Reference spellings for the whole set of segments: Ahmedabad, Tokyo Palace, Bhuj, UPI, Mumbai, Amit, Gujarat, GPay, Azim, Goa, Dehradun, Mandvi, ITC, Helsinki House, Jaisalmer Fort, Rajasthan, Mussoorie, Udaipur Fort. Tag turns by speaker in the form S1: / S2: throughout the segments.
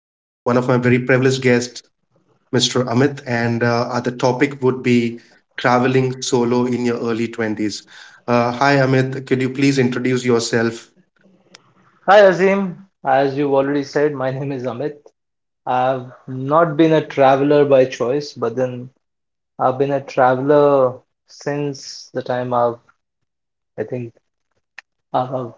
S1: One of my very privileged guests, Mr. Amit. And the topic would be traveling solo in your early 20s. Hi Amit, could you please introduce yourself?
S2: Hi Azim, as you've already said, my name is Amit. I've not been a traveler by choice, but then I've been a traveler since the time I've, I think, I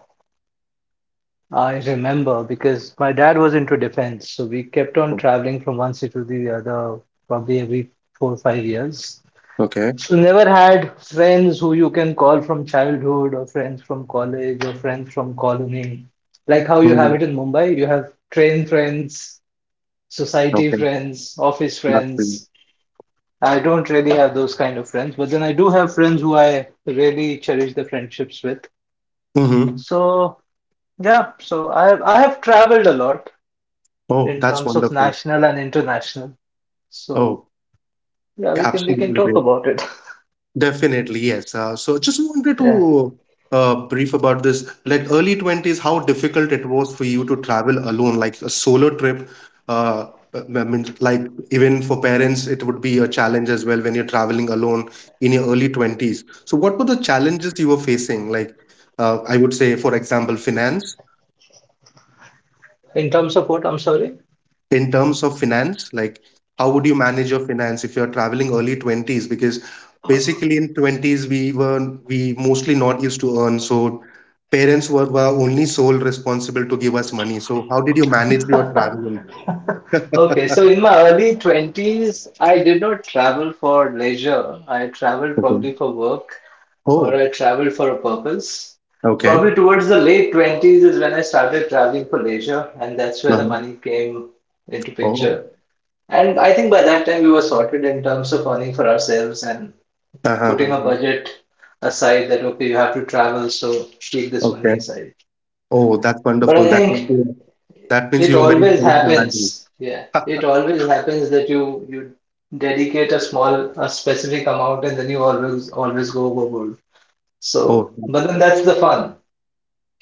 S2: I remember because my dad was into defense, so we kept on
S1: Oh.
S2: traveling from one city to the other probably every 4 or 5 years.
S1: Okay.
S2: So never had friends who you can call from childhood or friends from college or friends from colony. Like how you have
S1: Mhm.
S2: it in Mumbai, you have train friends, society
S1: Okay.
S2: friends, office
S1: That's brilliant.
S2: friends. I don't really have those kind of friends, but then I do have friends who I really cherish the friendships with.
S1: Mhm.
S2: So yeah, so I have traveled a lot
S1: Oh,
S2: in
S1: that's
S2: terms of
S1: wonderful.
S2: national and international. So
S1: Oh,
S2: yeah, we can
S1: absolutely
S2: talk
S1: great.
S2: about it.
S1: Definitely, yes. So just wanted
S2: Yeah.
S1: to brief about this, like early 20s, how difficult it was for you to travel alone, like a solo trip. Uh, I mean, like even for parents, it would be a challenge as well when you're traveling alone in your early 20s. So what were the challenges you were facing? Like, I would say, for example, finance.
S2: In terms of what, I'm sorry.
S1: In terms of finance, like how would you manage your finance if you're traveling early 20s? Because basically in 20s we were we mostly not used to earn, so parents were only sole responsible to give us money. So how did you manage your traveling?
S2: Okay, so in my early 20s, I did not travel for leisure. I traveled
S1: Okay.
S2: probably for work. Or
S1: Oh,
S2: I traveled for a purpose.
S1: okay.
S2: Probably towards the late 20s is when I started traveling for leisure, and that's where the
S1: um,
S2: money came into
S1: oh.
S2: picture. And I think by that time we were sorted in terms of earning for ourselves and putting a
S1: uh,
S2: budget aside that okay, you have to travel, so keep this money
S1: okay.
S2: aside.
S1: Oh, that's
S2: But I
S1: wonderful. that means
S2: think
S1: you, that means
S2: it
S1: you were very
S2: always
S1: safe and happy.
S2: happens. Yeah, it always happens that you dedicate a small a specific amount and then you always go overboard.
S1: Oh.
S2: So, but then that's the fun.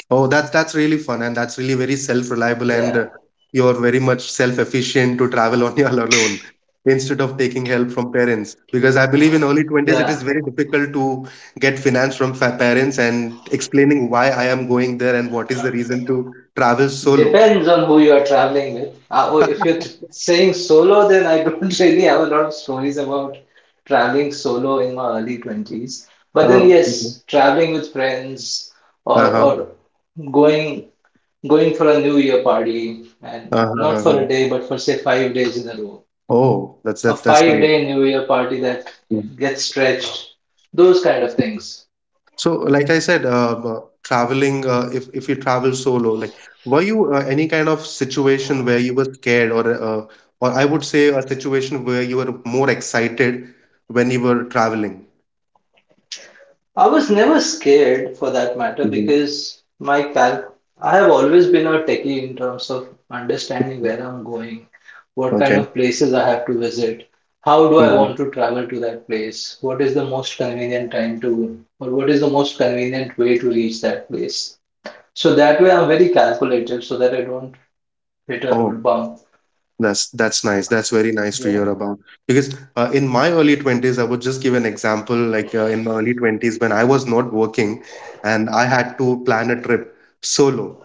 S1: Oh, that's really fun, and that's really very self-reliable, and
S2: Yeah.
S1: you're very much self-efficient to travel on your alone instead of taking help from parents. Because I believe in early 20s it
S2: Yeah,
S1: is very difficult to get finance from fa parents and explaining why I am going there and what is the reason to travel solo.
S2: depends on who you are traveling with. Oh, if you're saying solo, then I don't really have a lot of stories about traveling solo in my early 20s. But then
S1: Oh, okay.
S2: yes, traveling with friends
S1: Uh-huh.
S2: or going going for a New Year party and
S1: Uh-huh.
S2: not
S1: Uh-huh.
S2: for a day, but for say 5 days in a row.
S1: Oh,
S2: A
S1: that's
S2: five
S1: great.
S2: day New Year party that
S1: Yeah.
S2: gets stretched, those kind of things.
S1: So, like I said, traveling, if you travel solo, like, were you any kind of situation where you were scared, or I would say a situation where you were more excited when you were traveling?
S2: I was never scared for that matter
S1: Mhm.
S2: because I have always been a techie in terms of understanding where I'm going, what kind
S1: Okay.
S2: of places I have to visit, how do I
S1: Mhm.
S2: want to travel to that place, what is the most convenient time to, or what is the most convenient way to reach that place. So that way I'm very calculated so that I don't hit a road
S1: Oh.
S2: bump.
S1: That's nice. That's very nice to
S2: Yeah.
S1: hear about. Because in my early 20s, I would just give an example. Like in my early 20s, when I was not working and I had to plan a trip solo.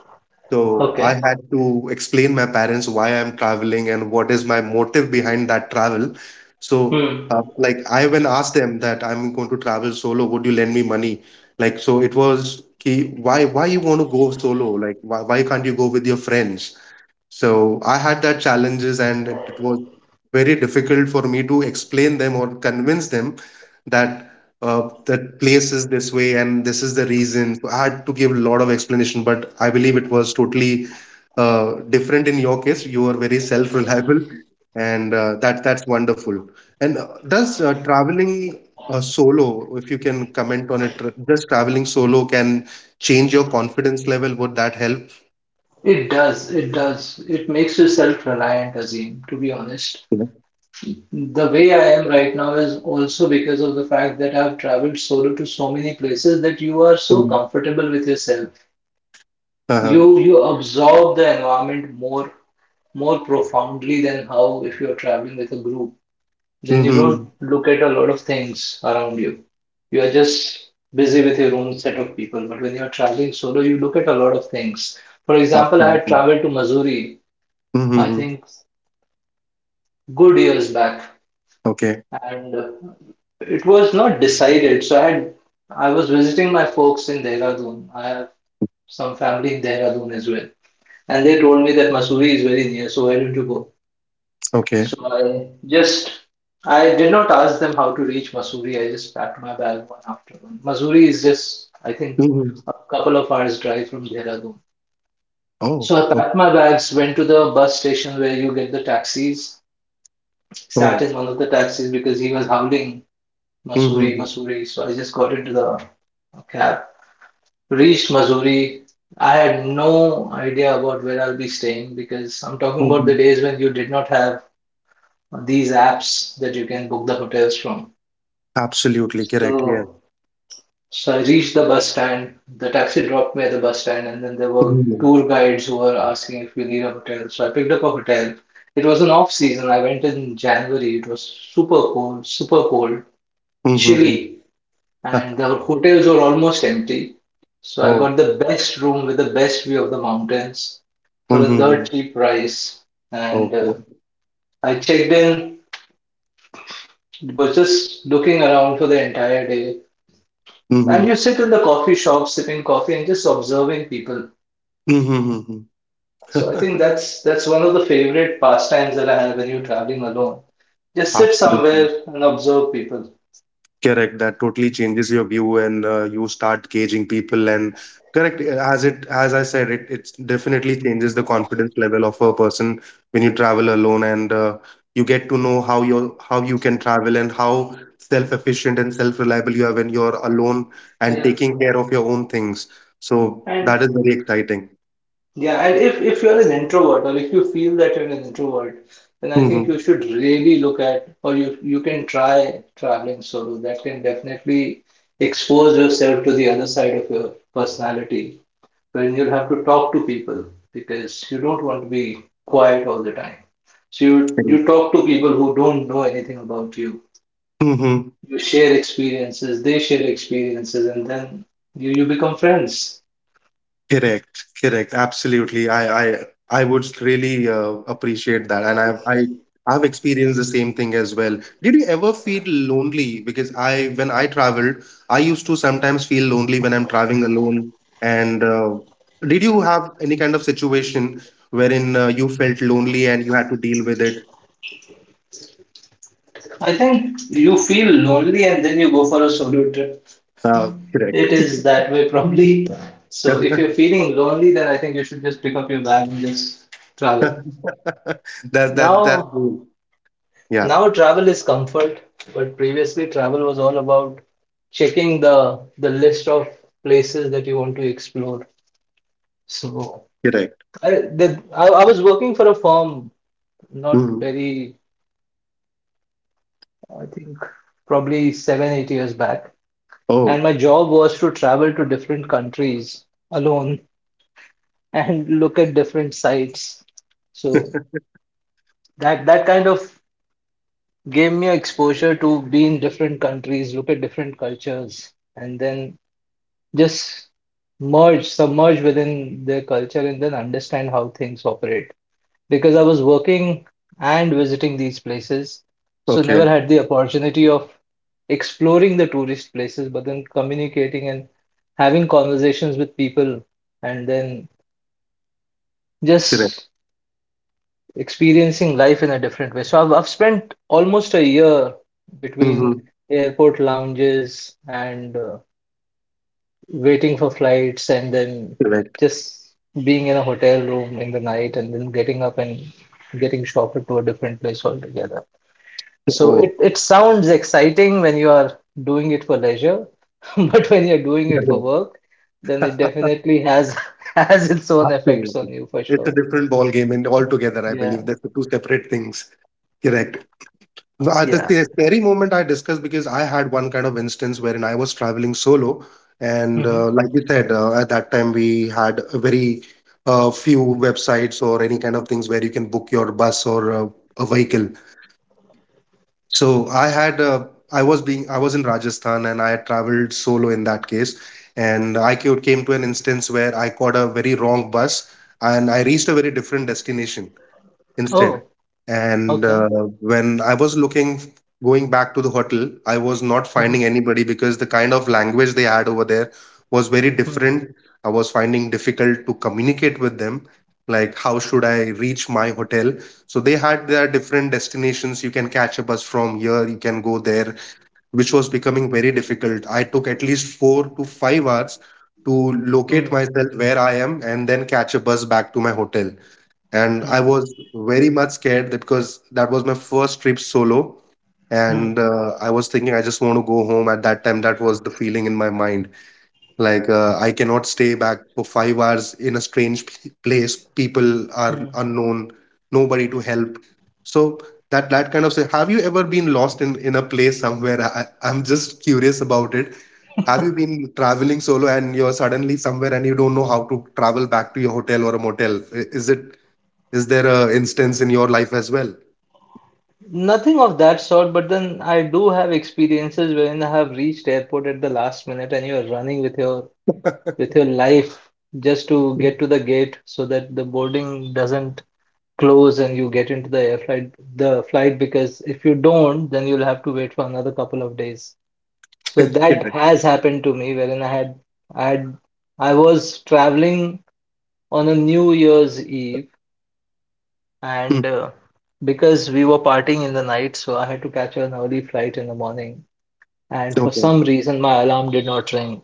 S1: So I
S2: Okay.
S1: had to explain my parents why I'm traveling and what is my motive behind that travel. So
S2: Hmm.
S1: like I even asked them that I'm going to travel solo. Would you lend me money? Like, so it was ki, why you want to go solo? Like why can't you go with your friends? So I had that challenges, and it was very difficult for me to explain them or convince them that that place is this way and this is the reason. So I had to give a lot of explanation, but I believe it was totally different in your case. You are very self-reliable, and that that's wonderful. And does traveling solo, if you can comment on it, does traveling solo can change your confidence level? Would that help?
S2: It does. It does. It makes you self-reliant, Azim, to be honest.
S1: Yeah.
S2: The way I am right now is also because of the fact that I've traveled solo to so many places that you are so comfortable with yourself.
S1: Uh-huh.
S2: You absorb the environment more profoundly than how if you're traveling with a group. Then you don't
S1: Mhm.
S2: look at a lot of things around you. You are just busy with your own set of people. But when you're traveling solo, you look at a lot of things. For example, I had
S1: Absolutely.
S2: traveled to Missouri, I
S1: Mhm.
S2: think good years back,
S1: Okay.
S2: and it was not decided. So I was visiting my folks in Dehradun. I have some family in Dehradun as well, and they told me that Mussoorie is very near. So why don't you go?
S1: Okay.
S2: So I just I did not ask them how to reach Mussoorie. I just packed my bag one after one. Mussoorie is just, I think,
S1: Mhm.
S2: a couple of hours drive from Dehradun.
S1: Oh,
S2: So I
S1: o
S2: packed my bags, went to the bus station where you get the taxis, sat
S1: oh.
S2: in one of the taxis because he was howling Mussoorie,
S1: Mhm.
S2: Mussoorie. So I just got into the cab, reached Mussoorie. I had no idea about where I'll be staying because I'm talking about the
S1: Mhm.
S2: days when you did not have these apps that you can book the hotels from.
S1: Absolutely correct. Yes.
S2: So, so I reached the bus stand. The taxi dropped me at the bus stand, and then there were
S1: Mhm.
S2: tour guides who were asking if we need a hotel. So I picked up a hotel. It was an off season. I went in January. It was super cold,
S1: Mhm.
S2: chilly, and
S1: Ah.
S2: the hotels were almost empty. So I
S1: Oh.
S2: got the best room with the best view of the mountains for a
S1: Mhm.
S2: dirt cheap price. And
S1: Oh. Oh.
S2: I checked in, was just looking around for the entire day. And
S1: Mhm.
S2: you sit in the coffee shop sipping coffee and just observing people.
S1: Mhm.
S2: So I think that's one of the favorite pastimes that I have when you're traveling alone. Just sit
S1: Absolutely.
S2: somewhere and observe people.
S1: Correct. That totally changes your view, and you start gauging people. And correct, as it as I said, it definitely changes the confidence level of a person when you travel alone, and you get to know how your how you can travel and how self-efficient and self-reliable you are when you're alone and
S2: Yeah.
S1: taking care of your own things. So
S2: And
S1: that is very exciting.
S2: Yeah, and if you're an introvert or if you feel that you're an introvert, then I think you should really look at or you can try traveling solo. That can definitely expose yourself to the other side of your personality, wherein you'll have to talk to people because you don't want to be quiet all the time. So you talk to people who don't know anything about you.
S1: Mm-hmm.
S2: You share experiences, they share experiences, and then you become friends.
S1: Correct, correct. Absolutely. I would really appreciate that, and I've experienced the same thing as well. Did you ever feel lonely? Because I when I traveled, I used to sometimes feel lonely when I'm traveling alone. And did you have any kind of situation wherein you felt lonely and you had to deal with it?
S2: I think you feel lonely and then you go for a solo trip. It
S1: Correct.
S2: is that way probably. So if you're feeling lonely, then I think you should just pick up your bag and just travel.
S1: That.
S2: Now,
S1: Yeah,
S2: now travel is comfort, but previously travel was all about checking the list of places that you want to explore. So
S1: correct.
S2: I was working for a firm not
S1: Mhm.
S2: very, I think probably 7, 8 years back. And
S1: Oh,
S2: my job was to travel to different countries alone and look at different sites. So that kind of gave me exposure to be in different countries, look at different cultures, and then just submerge within their culture and then understand how things operate, because I was working and visiting these places, so
S1: okay.
S2: never had the opportunity of exploring the tourist places, but then communicating and having conversations with people and then
S1: Correct.
S2: just experiencing life in a different way. So I've spent almost a year between
S1: Mhm.
S2: airport lounges and waiting for flights and then
S1: Correct.
S2: just being in a hotel room in the night and then getting up and getting shopper to a different place altogether. So
S1: Oh.
S2: it sounds exciting when you are doing it for leisure, but when you're doing it for work, then
S1: Yeah.
S2: it definitely has has its own effects
S1: Absolutely.
S2: on you for
S1: It's a
S2: sure.
S1: different ball game and altogether, I believe.
S2: Yeah.
S1: That's the two separate things. Correct. No, I- that's
S2: Yeah.
S1: the scary moment I discussed because I had one kind of instance wherein I was traveling solo. And
S2: Hmm.
S1: like you said, at that time we had a very few websites or any kind of things where you can book your bus or a vehicle. So I had I was in Rajasthan and I had traveled solo in that case, and I ca- came to an instance where I caught a very wrong bus and I reached a very different destination instead.
S2: Oh,
S1: And
S2: okay.
S1: when I was looking, going back to the hotel, I was not
S2: Hmm.
S1: finding anybody because the kind of language they had over there was very
S2: Hmm.
S1: different. I was finding difficult to communicate with them. Like, how should I reach my hotel? So they had their different destinations. You can catch a bus from here, you can go there, which was becoming very difficult. I took at least 4 to 5 hours to locate
S2: Hmm.
S1: myself where I am and then catch a bus back to my hotel, and I
S2: Hmm.
S1: was very much scared that- because that was my first trip solo, and
S2: Hmm.
S1: I was thinking I just want to go home. At that time, that was the feeling in my mind. Like I cannot stay back for 5 hours in a strange p- place. People are
S2: Hmm.
S1: unknown, nobody to help. So that that kind of say, have you ever been lost in a place somewhere? I'm just curious about it. Have you been traveling solo and you're suddenly somewhere and you don't know how to travel back to your hotel or a motel? Is it is there a instance in your life as well?
S2: Nothing of that sort, but then I do have experiences when I have reached airport at the last minute and you're running with your life just to get to the gate so that the boarding doesn't close and you get into the flight because if you don't, then you'll have to wait for another couple of days. So that
S1: Correct.
S2: has happened to me wherein I had I had I was traveling on a New Year's eve,
S1: Hmm.
S2: and because we were partying in the night, so I had to catch an early flight in the morning, and for
S1: Okay.
S2: some reason my alarm did not ring.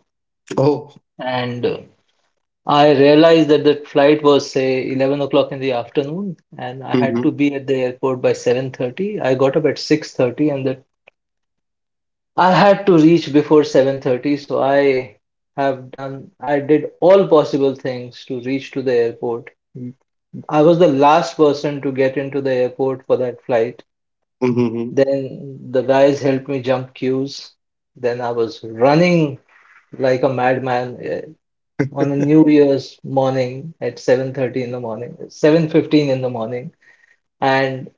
S1: Oh.
S2: And I realized that the flight was say 11 o'clock in the afternoon and I had to
S1: Mhm.
S2: be at the airport by 7:30. I got up at 6:30 and that I had to reach before 7:30, so I have done I did all possible things to reach to the airport. I was the last person to get into the airport for that flight.
S1: Mhm, mhm.
S2: Then the guys helped me jump queues. Then I was running like a madman. On a New Year's morning at 7:30 in the morning, 7:15 in the morning, and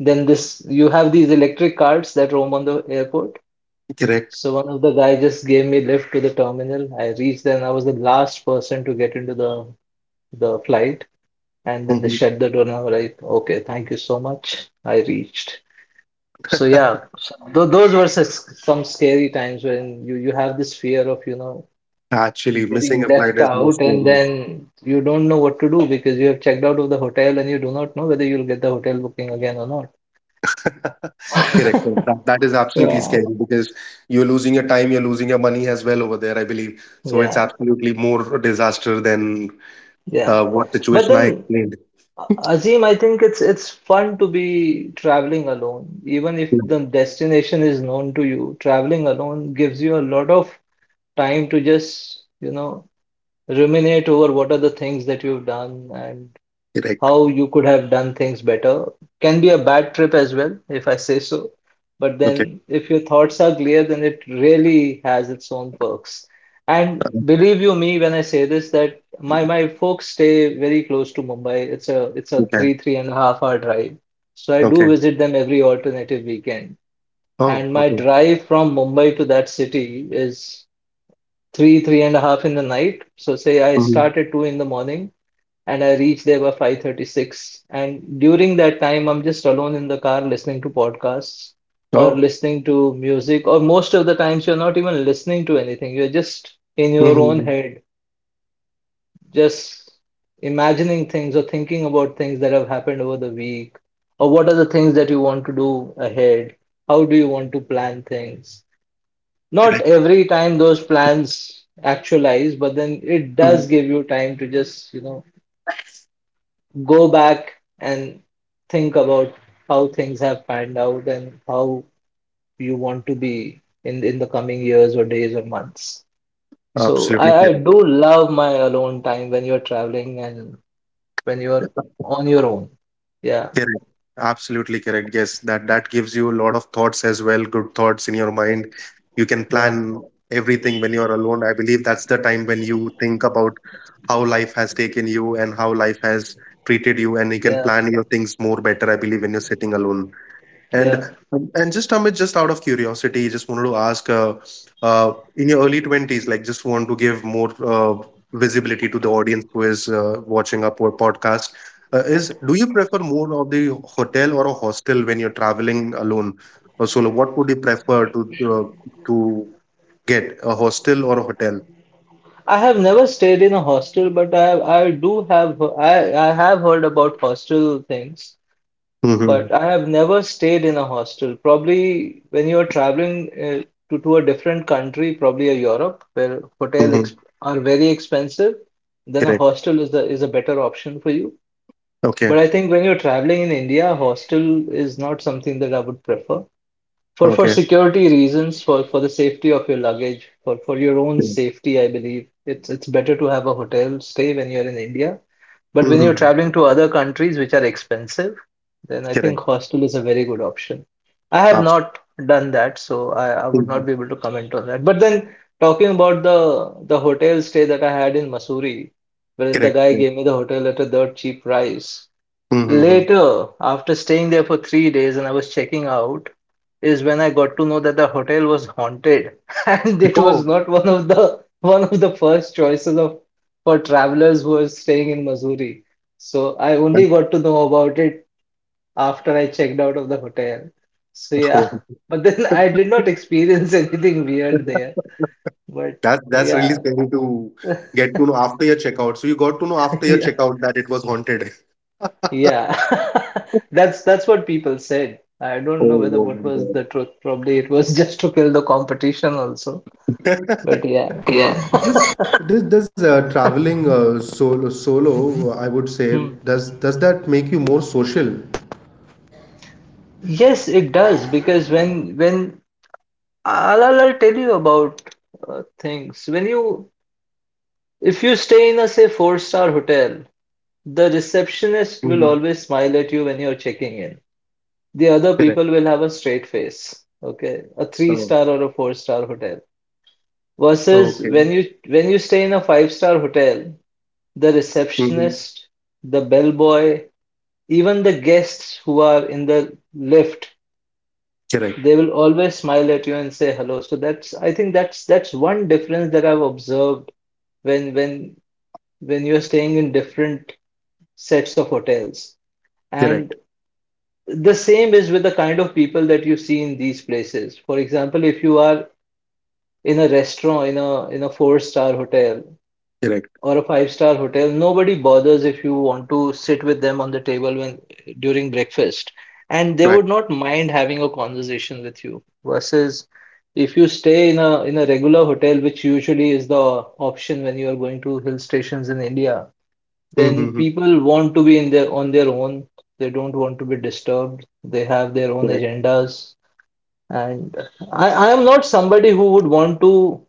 S2: then this you have these electric carts that roam on the airport.
S1: Correct.
S2: So one of the guy just gave me lift to the terminal. I reached there and I was the last person to get into the flight. And then they
S1: Mhm.
S2: shut the door and I was like, okay, thank you so much. I reached. So yeah, so those were some scary times when you have this fear of, you know,
S1: Actually, missing
S2: getting
S1: a flight
S2: left
S1: is
S2: out
S1: most
S2: and
S1: probably.
S2: then you don't know what to do because you have checked out of the hotel and you do not know whether you'll get the hotel booking again or not.
S1: Correct. So that, that is absolutely
S2: Yeah,
S1: scary because you're losing your time, you're losing your money as well over there, I believe. So it's
S2: yeah,
S1: absolutely more disaster than
S2: yeah.
S1: what
S2: But
S1: situation I
S2: then,
S1: explained.
S2: Azim, I think it's fun to be traveling alone. Even if
S1: Hmm.
S2: the destination is known to you, traveling alone gives you a lot of time to just, you know, ruminate over what are the things that you've done, and
S1: Correct.
S2: how you could have done things better. Can be a bad trip as well, if I say so. But
S1: Okay.
S2: then, if your thoughts are clear, then it really has its own perks. And
S1: Uh,
S2: believe you me when I say this, that my folks stay very close to Mumbai. It's a
S1: Okay.
S2: three and a half hour drive, so I
S1: Okay.
S2: do visit them every alternative weekend.
S1: Oh,
S2: And my
S1: okay.
S2: drive from Mumbai to that city is three and a half in the night. So say I
S1: Mhm.
S2: start at 2 in the morning and I reached there by 5:36. And during that time, I'm just alone in the car listening to podcasts or
S1: Oh.
S2: listening to music, or most of the times you're not even listening to anything. You're just in your own
S1: Mhm.
S2: head, just imagining things or thinking about things that have happened over the week, or what are the things that you want to do ahead? How do you want to plan things? Not
S1: Correct.
S2: every time those plans actualize, but then it
S1: Hmm.
S2: does give you time to just, go back and think about how things have panned out and how you want to be in the coming years or days or months. So I,
S1: Absolutely
S2: I
S1: correct.
S2: do love my alone time when you're traveling and when you're on your own. Yeah,
S1: Correct. Absolutely correct. Yes, that that gives you a lot of thoughts as well, good thoughts in your mind. You can
S2: yeah,
S1: plan everything when you're alone. I believe that's the time when you think about how life has taken you and how life has treated you, and you can
S2: yeah,
S1: plan your things more better, I believe, when you're sitting alone. And
S2: yeah.
S1: and just Amit, just out of curiosity, just wanted to ask, in your early 20s, like just want to give more visibility to the audience who is watching our po- podcast. Is do you prefer more of the hotel or a hostel when you're traveling alone or solo? What would you prefer to to get a hostel or a hotel?
S2: I have never stayed in a hostel, but I do have I have heard about hostel things.
S1: Mm-hmm.
S2: But I have never stayed in a hostel. Probably when you are traveling to, a different country, probably a Europe, where hotels
S1: Mm-hmm.
S2: exp are very expensive, then a
S1: Correct.
S2: hostel is the is a better option for you. But
S1: Okay.
S2: I think when you're traveling in India, a hostel is not something that I would prefer. For
S1: Okay.
S2: security reasons, for the safety of your luggage, for your own safety, I believe it's better to have a hotel stay when you're in India, but when you're
S1: Mm-hmm.
S2: traveling to other countries which are expensive, then I
S1: Correct.
S2: think hostel is a very good option. I have not done that, so I would
S1: Absolutely.
S2: not be able to comment on that. But then talking about the hotel stay that I had in Missouri, wherein the
S1: Correct.
S2: guy
S1: Yeah.
S2: gave me the hotel at a dirt cheap price.
S1: Mm-hmm.
S2: Later, after staying there for 3 days and I was checking out, is when I got to know that the hotel was haunted and it was
S1: Oh.
S2: not one of the first choices of for travelers who are staying in Missouri. So I only got to know about it after I checked out of the hotel. So yeah,
S1: Oh.
S2: but then I did not experience anything weird there. But
S1: That that's really
S2: yeah,
S1: scary to get to know after your checkout. So you got to know after your
S2: yeah,
S1: checkout that it was haunted.
S2: yeah. That's what people said. I don't know
S1: Oh,
S2: whether
S1: oh
S2: what was
S1: my
S2: the truth. Probably it was just to kill the competition also.
S1: God.
S2: But yeah. Hmm. Yes, it does because when I'll I'll tell you about things. When you if you stay in a, say, four-star hotel, the receptionist
S1: Mhm.
S2: will always smile at you when you're checking in. The other
S1: Correct.
S2: people will have a straight face. Okay, a three
S1: Oh,
S2: star or a four-star hotel versus
S1: okay.
S2: when you stay in a five-star hotel, the
S1: Hmm.
S2: receptionist, the bellboy, even the guests who are in the lift,
S1: Correct.
S2: they will always smile at you and say hello. So that's, I think, that's one difference that I've observed when when you're staying in different sets of hotels.
S1: Correct.
S2: And the same is with the kind of people that you see in these places. For example, if you are in a restaurant in a four-star hotel
S1: Correct.
S2: or a five-star hotel, nobody bothers if you want to sit with them on the table when during breakfast, and they would
S1: Right.
S2: not mind having a conversation with you. Versus if you stay in a regular hotel, which usually is the option when you are going to hill stations in India, then
S1: Mm-hmm.
S2: people want to be in their on their own. They don't want to be disturbed. They have their own
S1: Correct.
S2: agendas. And I am not somebody who would want to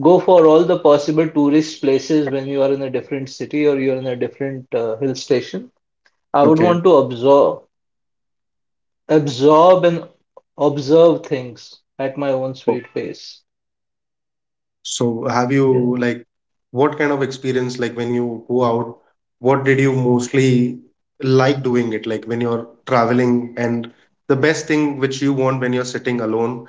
S2: go for all the possible tourist places when you are in a different city or you're in a different hill station. I would
S1: Okay.
S2: want to absorb, absorb and observe things at my own sweet pace.
S1: So have you
S2: Yeah.
S1: like what kind of experience like when you go out, what did you mostly like doing it? Like when you're traveling and the best thing which you want when you're sitting alone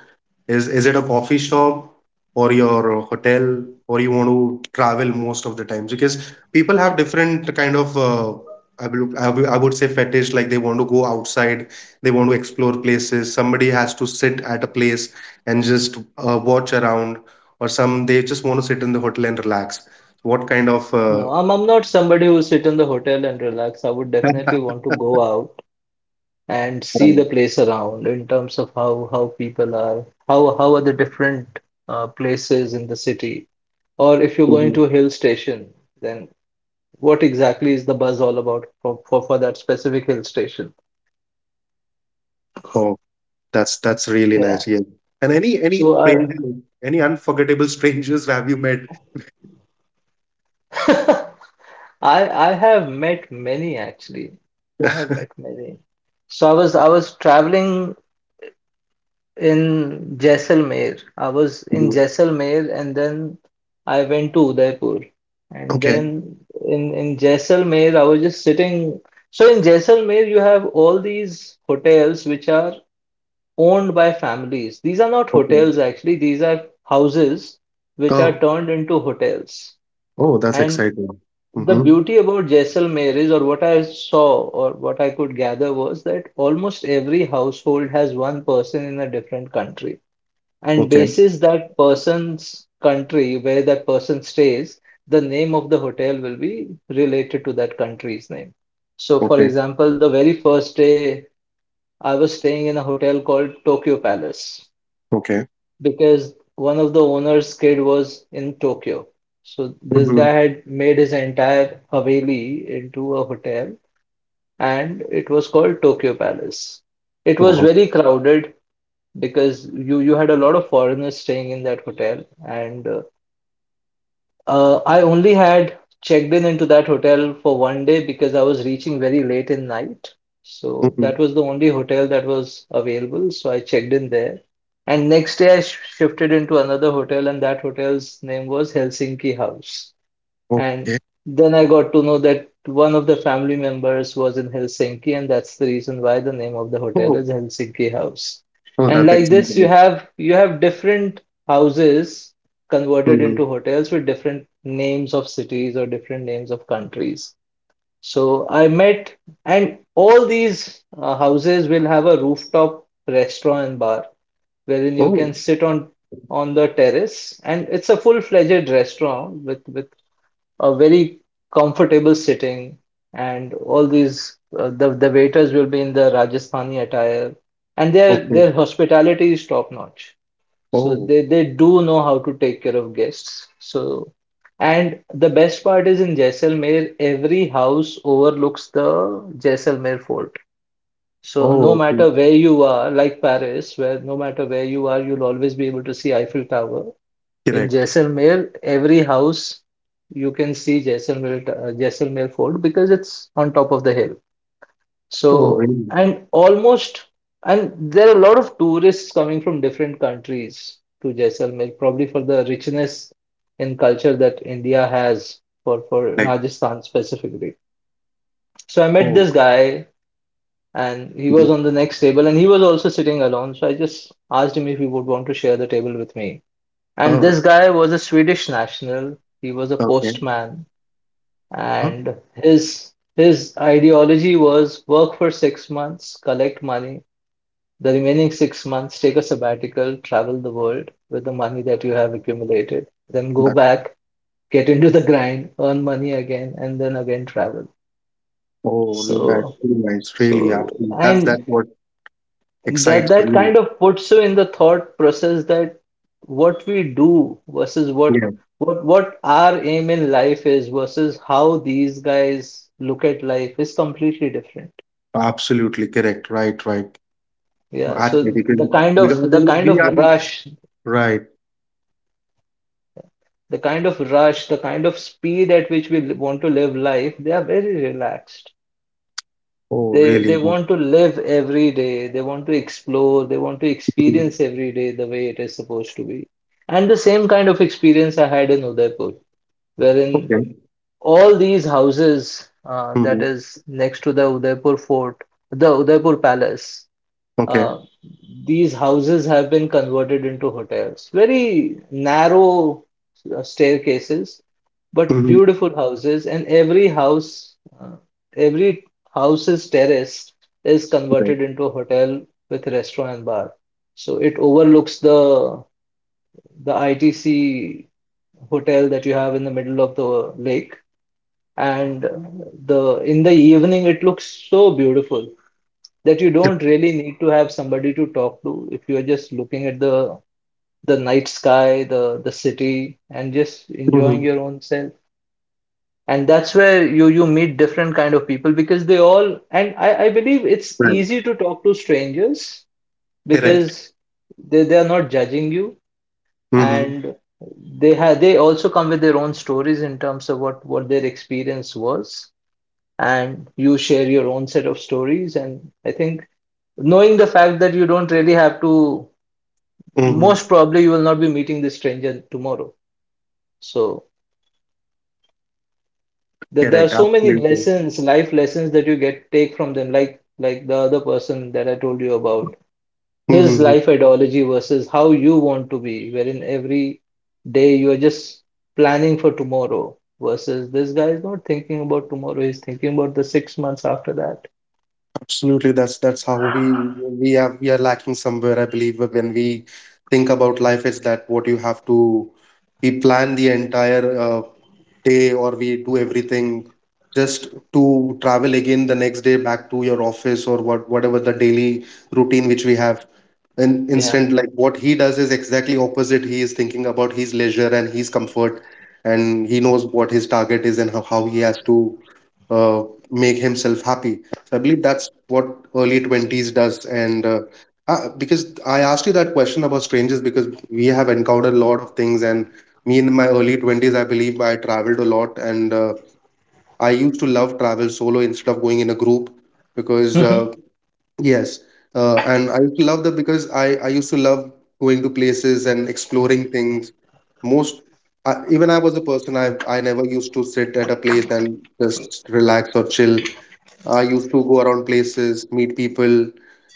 S1: is it a coffee shop or your hotel or you want to travel most of the times? Because people have different kind of I would say fetish like they want to go outside, they want to explore places. Somebody has to sit at a place and just watch around or some they just want to sit in the hotel and relax. What kind of
S2: No, I'm not somebody who sit in the hotel and relax. I would definitely want to go out and see the place around in terms of how people are, how are the different places in the city. Or if you're
S1: Oh,
S2: going
S1: mhm.
S2: to a hill station, then what exactly is the buzz all about for that specific hill station?
S1: Oh, that's really
S2: Yeah.
S1: nice. Yeah. And any
S2: So
S1: stranger, any unforgettable strangers have you met?
S2: I I have met many actually. I have met many. So I was traveling in Jaisalmer. I was in
S1: Mhm.
S2: Jaisalmer and then I went to Udaipur. And
S1: Okay.
S2: then in Jaisalmer I was just sitting. So in Jaisalmer you have all these hotels which are owned by families. These are not
S1: Okay.
S2: hotels actually, these are houses which are
S1: Oh,
S2: turned into hotels.
S1: oh, that's
S2: And
S1: exciting.
S2: the
S1: Mm-hmm.
S2: beauty about Jaisalmer is, or what I saw or what I could gather, was that almost every household has one person in a different country. And
S1: Okay.
S2: basis that person's country, where that person stays, the name of the hotel will be related to that country's name. So, for
S1: Okay.
S2: example, the very first day I was staying in a hotel called Tokyo Palace
S1: Okay.
S2: because one of the owner's kid was in Tokyo. So this
S1: Mm-hmm.
S2: guy had made his entire Haveli into a hotel and it was called Tokyo Palace. It was
S1: Oh,
S2: very crowded because you had a lot of foreigners staying in that hotel, and I only had checked in into that hotel for 1 day because I was reaching very late in night. So
S1: hmm.
S2: that was the only hotel that was available. So I checked in there. And next day I sh shifted into another hotel, and that hotel's name was Helsinki House. And
S1: Okay.
S2: then I got to know that one of the family members was in Helsinki, and that's the reason why the name of the hotel is
S1: Oh,
S2: Helsinki House.
S1: oh,
S2: And
S1: that's
S2: like this, you
S1: exciting.
S2: have different houses converted
S1: Mm-hmm.
S2: into hotels with different names of cities or different names of countries. So I met, and all these houses will have a rooftop restaurant and bar wherein you
S1: Oh,
S2: can sit on the terrace and it's a full-fledged restaurant with a very comfortable sitting, and all these the waiters will be in the Rajasthani attire, and their
S1: okay.
S2: hospitality is top notch. So
S1: Oh,
S2: they do know how to take care of guests. So, and the best part is in Jaisalmer, every house overlooks the Jaisalmer fort. So no
S1: oh, okay.
S2: matter where you are, like Paris, where no matter where you are, you'll always be able to see Eiffel Tower. In
S1: Correct.
S2: Jaisalmer, every house you can see Jaisalmer, Jaisalmer Fort because it's on top of the hill.
S1: Oh,
S2: So,
S1: really?
S2: and almost, and there are a lot of tourists coming from different countries to Jaisalmer, probably for the richness in culture that India has for,
S1: Like,
S2: Rajasthan specifically. So I met
S1: oh.
S2: this guy and he
S1: Mm.
S2: was on the next table and he was also sitting alone. So I just asked him if he would want to share the table with me. And
S1: Oh, okay.
S2: this guy was a Swedish national. He was a
S1: Okay.
S2: postman,
S1: Huh?
S2: and his ideology was work for 6 months, collect money, the remaining 6 months take a sabbatical, travel the world with the money that you have accumulated, then go
S1: That,
S2: back, get into the grind, earn money again, and then again travel.
S1: oh, that's
S2: So
S1: really nice. Really,
S2: so
S1: absolutely.
S2: and
S1: That's what
S2: that
S1: excites
S2: that
S1: really.
S2: kind of puts you in the thought process that what we do versus what
S1: Yeah,
S2: what our aim in life is versus how these guys look at life is completely different.
S1: absolutely correct. Right, right. Well,
S2: Yeah, so
S1: actually,
S2: the kind
S1: because
S2: of
S1: I believe we are right.
S2: rush, the kind of speed at which we want to live life, they are very relaxed.
S1: Oh,
S2: They
S1: really?
S2: want to live every day. They want to explore. They want to
S1: Mhm.
S2: experience every day the way it is supposed to be. And the same kind of experience I had in Udaipur,
S1: Okay.
S2: wherein all these houses that
S1: Hmm.
S2: is next to the Udaipur fort, the Udaipur palace,
S1: Okay.
S2: uh, these houses have been converted into hotels. Very narrow staircases, but
S1: Hmm.
S2: beautiful houses. And every house, every house's terrace is
S1: Right.
S2: converted into a hotel with restaurant and bar. So it overlooks the ITC hotel that you have in the middle of the lake. And the in the evening, it looks so beautiful that you don't really need to have somebody to talk to if you're just looking at the night sky, the city, and just enjoying
S1: Hmm.
S2: your own self. And that's where you meet different kind of people because they all and I believe it's
S1: Right.
S2: easy to talk to strangers
S1: Correct.
S2: because they are not judging you,
S1: Hmm.
S2: and they also come with their own stories in terms of what their experience was, and you share your own set of stories. And I think, knowing the fact that you don't really have to,
S1: Hmm.
S2: most probably you will not be meeting this stranger tomorrow. So there are
S1: Correct.
S2: so many
S1: Absolutely.
S2: lessons, life lessons, that you get take from them, like the other person that I told you about, his
S1: Hmm.
S2: life ideology versus how you want to be, wherein every day you are just planning for tomorrow versus this guy is not thinking about tomorrow, he's thinking about the 6 months after that.
S1: Absolutely, that's how we are lacking somewhere. I believe when we think about life, is that what you have to we plan the entire day or we do everything just to travel again the next day back to your office or what whatever the daily routine which we have. And
S2: Yeah.
S1: instant, like what he does is exactly opposite. He is thinking about his leisure and his comfort, and he knows what his target is and how he has to uh, make himself happy, so I believe that's what early 20s does. And Because I asked you that question about strangers, because we have encountered a lot of things. And me in my early 20s, I believe I traveled a lot. And I used to love travel solo instead of going in a group because, yes. And I used to love that because I used to love going to places and exploring things. Most, Even I was a person, I never used to sit at a place and just relax or chill. I used to go around places, meet people.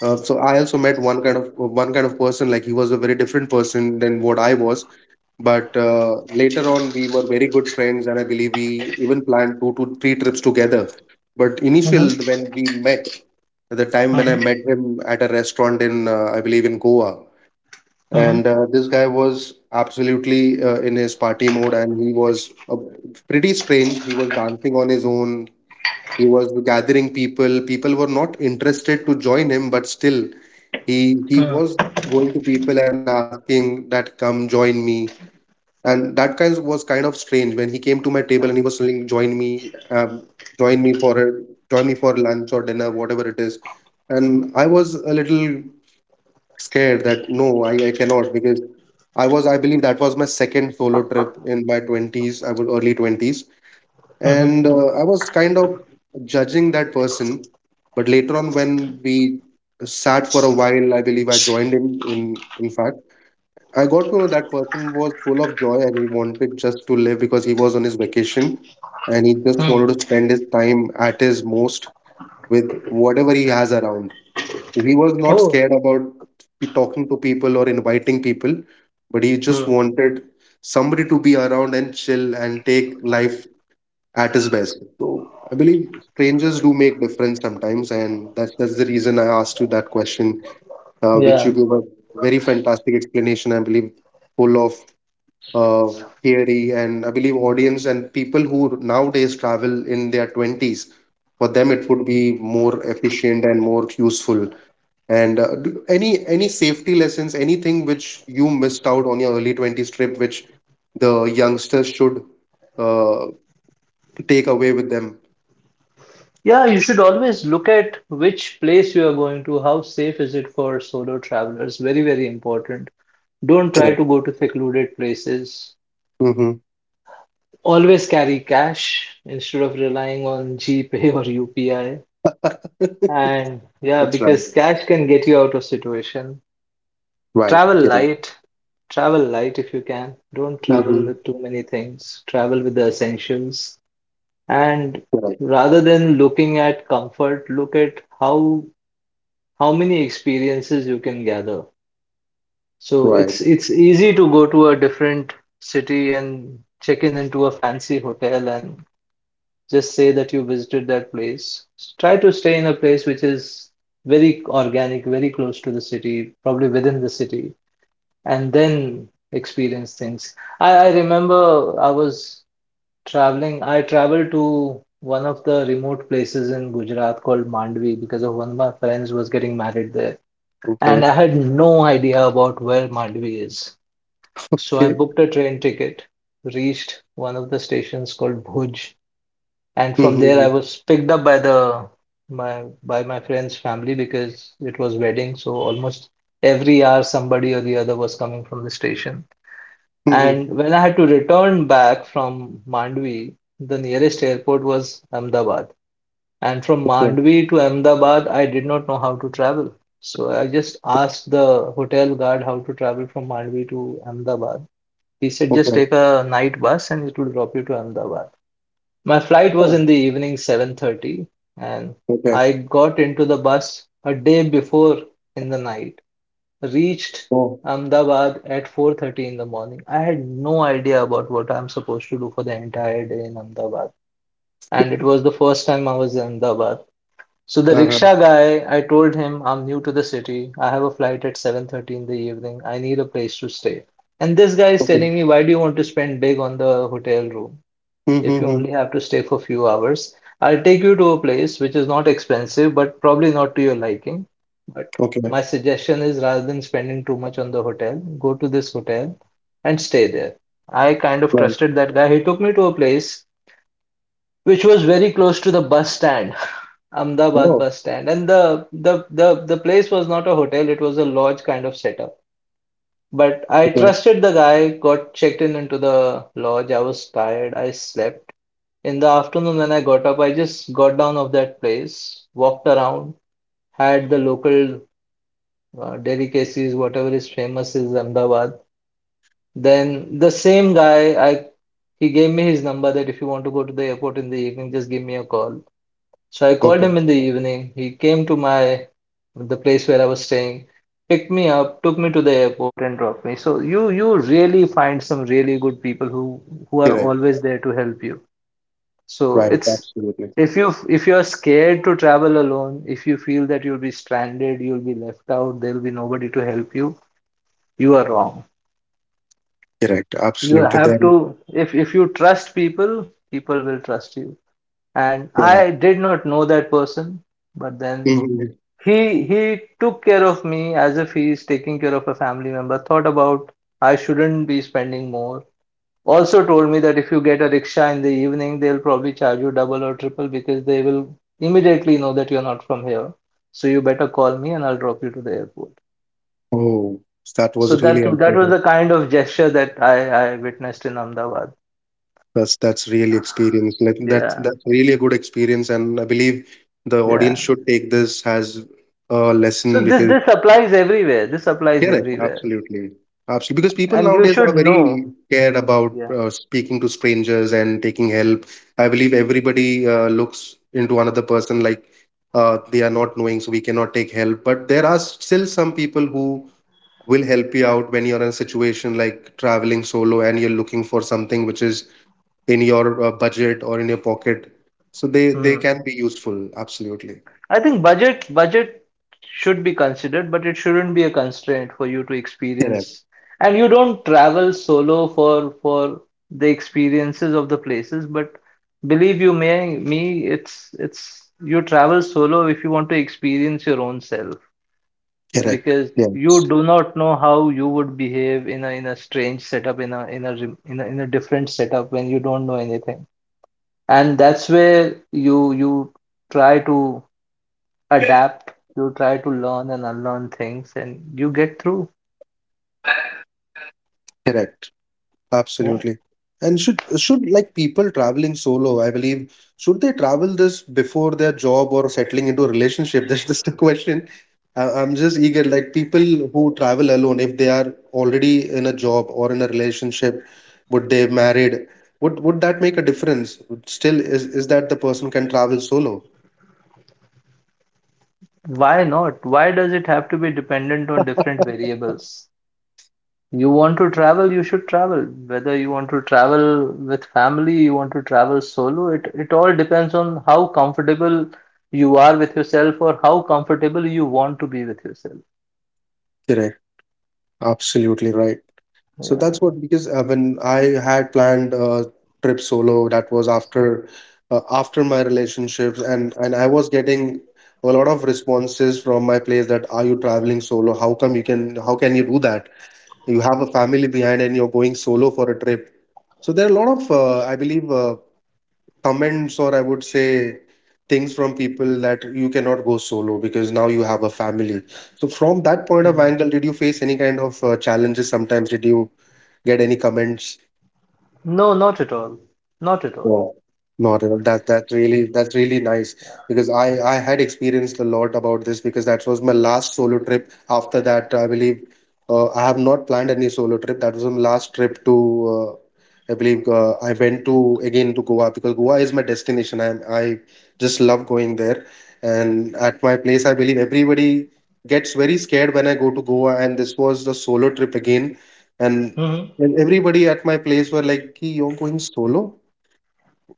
S1: So I also met one kind of person. Like he was a very different person than what I was. But later on, we were very good friends, and I believe we even planned two to three trips together. But initial
S2: Mm-hmm.
S1: when we met, at the time when
S2: Mm-hmm.
S1: I met him at a restaurant in, I believe, in Goa.
S2: Mm-hmm.
S1: And this guy was absolutely in his party mode, and he was pretty strange. He was dancing on his own, he was gathering people. People were not interested to join him, but still he was going to people and asking that come join me. And was kind of strange when he came to my table and he was telling join me, um, join me for join me for lunch or dinner, whatever it is. And I was a little scared that no, I cannot, because I believe that was my second solo trip in my twenties, I was early 20s,
S2: Mm-hmm.
S1: and I was kind of judging that person. But later on when we sat for a while I believe I joined him. In fact, I got to know that person was full of joy and he wanted just to live because he was on his vacation, and he just wanted
S2: Mm-hmm.
S1: to spend his time at his most with whatever he has around. So he was not
S2: Oh.
S1: scared about be talking to people or inviting people, but he just wanted somebody to be around and chill and take life at his best. So I believe strangers do make difference sometimes, and that's the reason I asked you that question, which
S2: Mm-hmm.
S1: you gave a very fantastic explanation. I believe full of theory, and I believe audience and people who nowadays travel in their twenties, for them it would be more efficient and more useful. And any safety lessons, anything which you missed out on your early 20s trip, which the youngsters should uh, take away with them.
S2: Yeah, you should always look at which place you are going to, how safe is it for solo travelers. Very, very important. Don't try to go to secluded places.
S1: Hmm.
S2: Always carry cash instead of relying on GPay or UPI. And yeah,
S1: That's right.
S2: because cash can get you out of situation.
S1: Right.
S2: Travel
S1: Get it.
S2: light. Travel light if you can. Don't travel
S1: Hmm.
S2: with too many things. Travel with the essentials. And
S1: Get it.
S2: rather than looking at comfort, look at how many experiences you can gather. So
S1: Right.
S2: it's easy to go to a different city and check in into a fancy hotel and just say that you visited that place. Try to stay in a place which is very organic, very close to the city, probably within the city, and then experience things. I remember I was I traveled to one of the remote places in Gujarat called Mandvi, because of one of my friends was getting married there,
S1: Okay.
S2: and I had no idea about where Mandvi is. So I
S1: Okay.
S2: booked a train ticket, reached one of the stations called Bhuj, and from there
S1: Hmm.
S2: I was picked up by the my by my friend's family, because it was wedding, so almost every hour somebody or the other was coming from the station.
S1: Hmm.
S2: And when I had to return back from Mandvi, the nearest airport was Ahmedabad. And from
S1: Yeah.
S2: Mandvi to Ahmedabad, I did not know how to travel. So I just asked the hotel guard how to travel from Mandvi to Ahmedabad. He said just
S1: Okay.
S2: take a night bus and it will drop you to Ahmedabad. My flight was
S1: Oh.
S2: in the evening 7:30, and
S1: Okay.
S2: I got into the bus a day before in the night. Reached
S1: Oh.
S2: Ahmedabad at 4:30 in the morning. I had no idea about what I'm supposed to do for the entire day in Ahmedabad, and it was the first time I was in Ahmedabad. So the
S1: Uh-huh.
S2: rickshaw guy, I told him I'm new to the city. I have a flight at 7:30 in the evening. I need a place to stay. And this guy is
S1: Okay.
S2: telling me, why do you want to spend big on the hotel room if you
S1: Mm-hmm.
S2: only have to stay for few hours? I'll take you to a place which is not expensive, but probably not to your liking. But
S1: Okay.
S2: my suggestion is, rather than spending too much on the hotel, go to this hotel and stay there. I kind of
S1: Right.
S2: trusted that guy. He took me to a place which was very close to the bus stand. Ahmedabad
S1: Oh.
S2: bus stand. And the place was not a hotel, it was a lodge kind of setup. But I
S1: Okay.
S2: trusted the guy, got checked in into the lodge. I was tired, I slept. In the afternoon when I got up, I just got down of that place, walked around, had the local delicacies, whatever is famous is Ahmedabad. Then the same guy, I he gave me his number that if you want to go to the airport in the evening, just give me a call. So I called
S1: Okay.
S2: him in the evening. He came to my the place where I was staying, picked me up, took me to the airport, and dropped me. So you really find some really good people who are
S1: Get it.
S2: always there to help you. So
S1: Right.
S2: it's,
S1: Absolutely.
S2: if you are scared to travel alone, if you feel that you'll be stranded, you'll be left out, there'll be nobody to help you, you are wrong.
S1: Correct.
S2: You
S1: Absolutely.
S2: have
S1: Then.
S2: to, if you trust people, people will trust you. And
S1: Correct.
S2: I did not know that person, but then
S1: Hmm.
S2: He took care of me as if he is taking care of a family member. Thought about I shouldn't be spending more. Also told me that if you get a rickshaw in the evening, they'll probably charge you double or triple because they will immediately know that you're not from here. So you better call me and I'll drop you to the airport.
S1: Oh, that
S2: So
S1: was really
S2: that that
S1: helpful.
S2: was
S1: That,
S2: the kind of gesture that I witnessed in Ahmedabad.
S1: that's that's really experience. Like that's
S2: Yeah,
S1: that's really a good experience, and I believe the audience
S2: yeah.
S1: should take this as a
S2: So
S1: lesson
S2: this
S1: because
S2: this applies everywhere. This applies
S1: correct,
S2: everywhere,
S1: absolutely. Absolutely. Because people
S2: and you
S1: nowadays are
S2: should know.
S1: very scared about
S2: Yeah.
S1: speaking to strangers and taking help. I believe everybody looks into another person like they are not knowing, so we cannot take help. But there are still some people who will help you out when you're in a situation like traveling solo and you're looking for something which is in your budget or in your pocket. So they
S2: Hmm.
S1: can be useful. Absolutely.
S2: I think budget should be considered, but it shouldn't be a constraint for you to
S1: Correct.
S2: experience. And you don't travel solo for the experiences of the places, but believe you may me, it's you travel solo if you want to experience your own self,
S1: Correct.
S2: because
S1: Yes.
S2: you do not know how you would behave in a strange setup, in a in a different setup when you don't know anything. And that's where you try to adapt, you try to learn and unlearn things, and you get through.
S1: Correct.
S2: Yeah.
S1: Absolutely. And should like people traveling solo, I believe, should they travel this before their job or settling into a relationship? That's just the question. I'm just eager. Like people who travel alone, if they are already in a job or in a relationship, would they married? Would that make a difference? Still, is that the person can travel solo?
S2: Why not? Why does it have to be dependent on different variables? You want to travel, you should travel. Whether you want to travel with family, you want to travel solo, it all depends on how comfortable you are with yourself, or how comfortable you want to be with yourself.
S1: Correct. Absolutely right. So
S2: Yeah.
S1: that's what, because when I had planned a trip solo, that was after after my relationships, and I was getting a lot of responses from my place that are you traveling solo? How come you can? How can you do that? You have a family behind and you're going solo for a trip. So there are a lot of I believe. Comments, or I would say things from people that you cannot go solo because now you have a family. So from that point of
S2: Mhm.
S1: angle, did you face any kind of challenges sometimes? Did you get any comments?
S2: No, not at all. Not at
S1: No, not at all. That's really nice, because I had experienced a lot about this, because that was my last solo trip. After that, I believe I have not planned any solo trip. That was my last trip to I believe I went to again to Goa, because Goa is my destination. I just love going there, and at my place, I believe everybody gets very scared when I go to Goa, and this was the solo trip again, and.
S2: all.
S1: And everybody at my place were like, "Ki, you're going solo?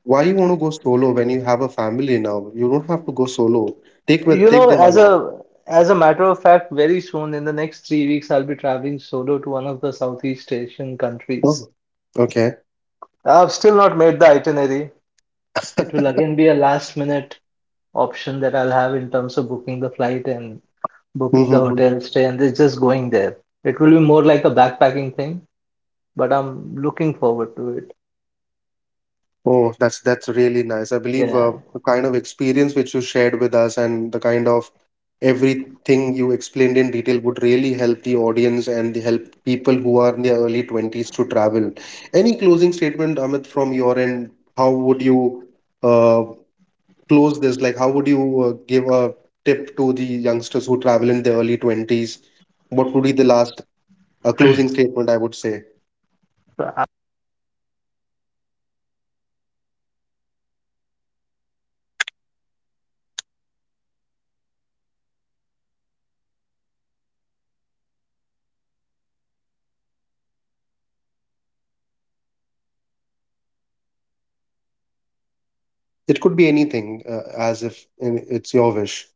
S1: Why you want to go solo when you have a family now? You don't have to go solo.
S2: You
S1: Take
S2: know,
S1: them
S2: as
S1: along."
S2: a, as a matter of fact, very soon in the next 3 weeks, I'll be traveling solo to one of the Southeast Asian countries.
S1: Oh, okay.
S2: I've still not made the itinerary. It will again be a last minute option that I'll have in terms of booking the flight and booking
S1: Mm-hmm.
S2: the
S1: Mm-hmm.
S2: hotel stay, and it's just going there. It will be more like a backpacking thing, but I'm looking forward to it.
S1: Oh, that's really nice. I believe
S2: Yeah.
S1: the kind of experience which you shared with us, and the kind of everything you explained in detail, would really help the audience and the help people who are in their early 20s to travel. Any closing statement, Amit, from your end? How would you uh, close this? Like, how would you give a tip to the youngsters who travel in their early 20s? What would be the last closing statement, I would say?
S2: So,
S1: It could be anything, as if, and it's your wish.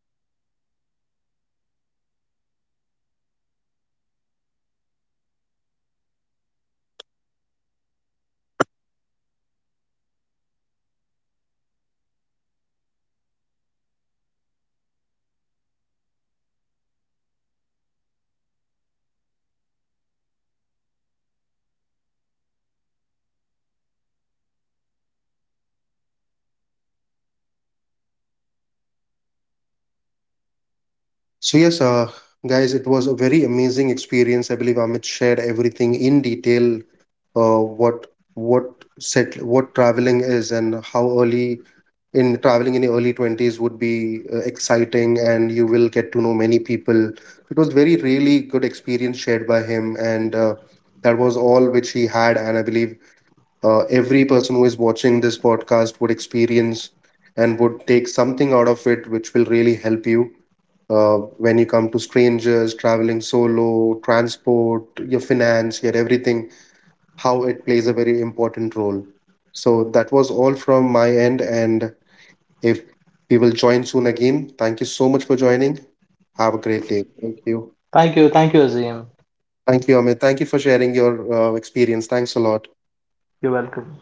S1: So, yes, guys, it was a very amazing experience. I believe Amit shared everything in detail, uh, what what what traveling is and how early in traveling in your early 20s would be exciting, and you will get to know many people. It was very really good experience shared by him, and that was all which he had, and I believe every person who is watching this podcast would experience and would take something out of it which will really help you when you come to strangers, traveling solo, transport, your finance, your everything, how it plays a very important role. So that was all from my end, and if we will join soon again, thank you so much for joining. Have a great day. Thank you.
S2: thank you, thank you, Azim.
S1: Thank you, Amit. Thank you for sharing your experience. Thanks a lot.
S2: You're welcome.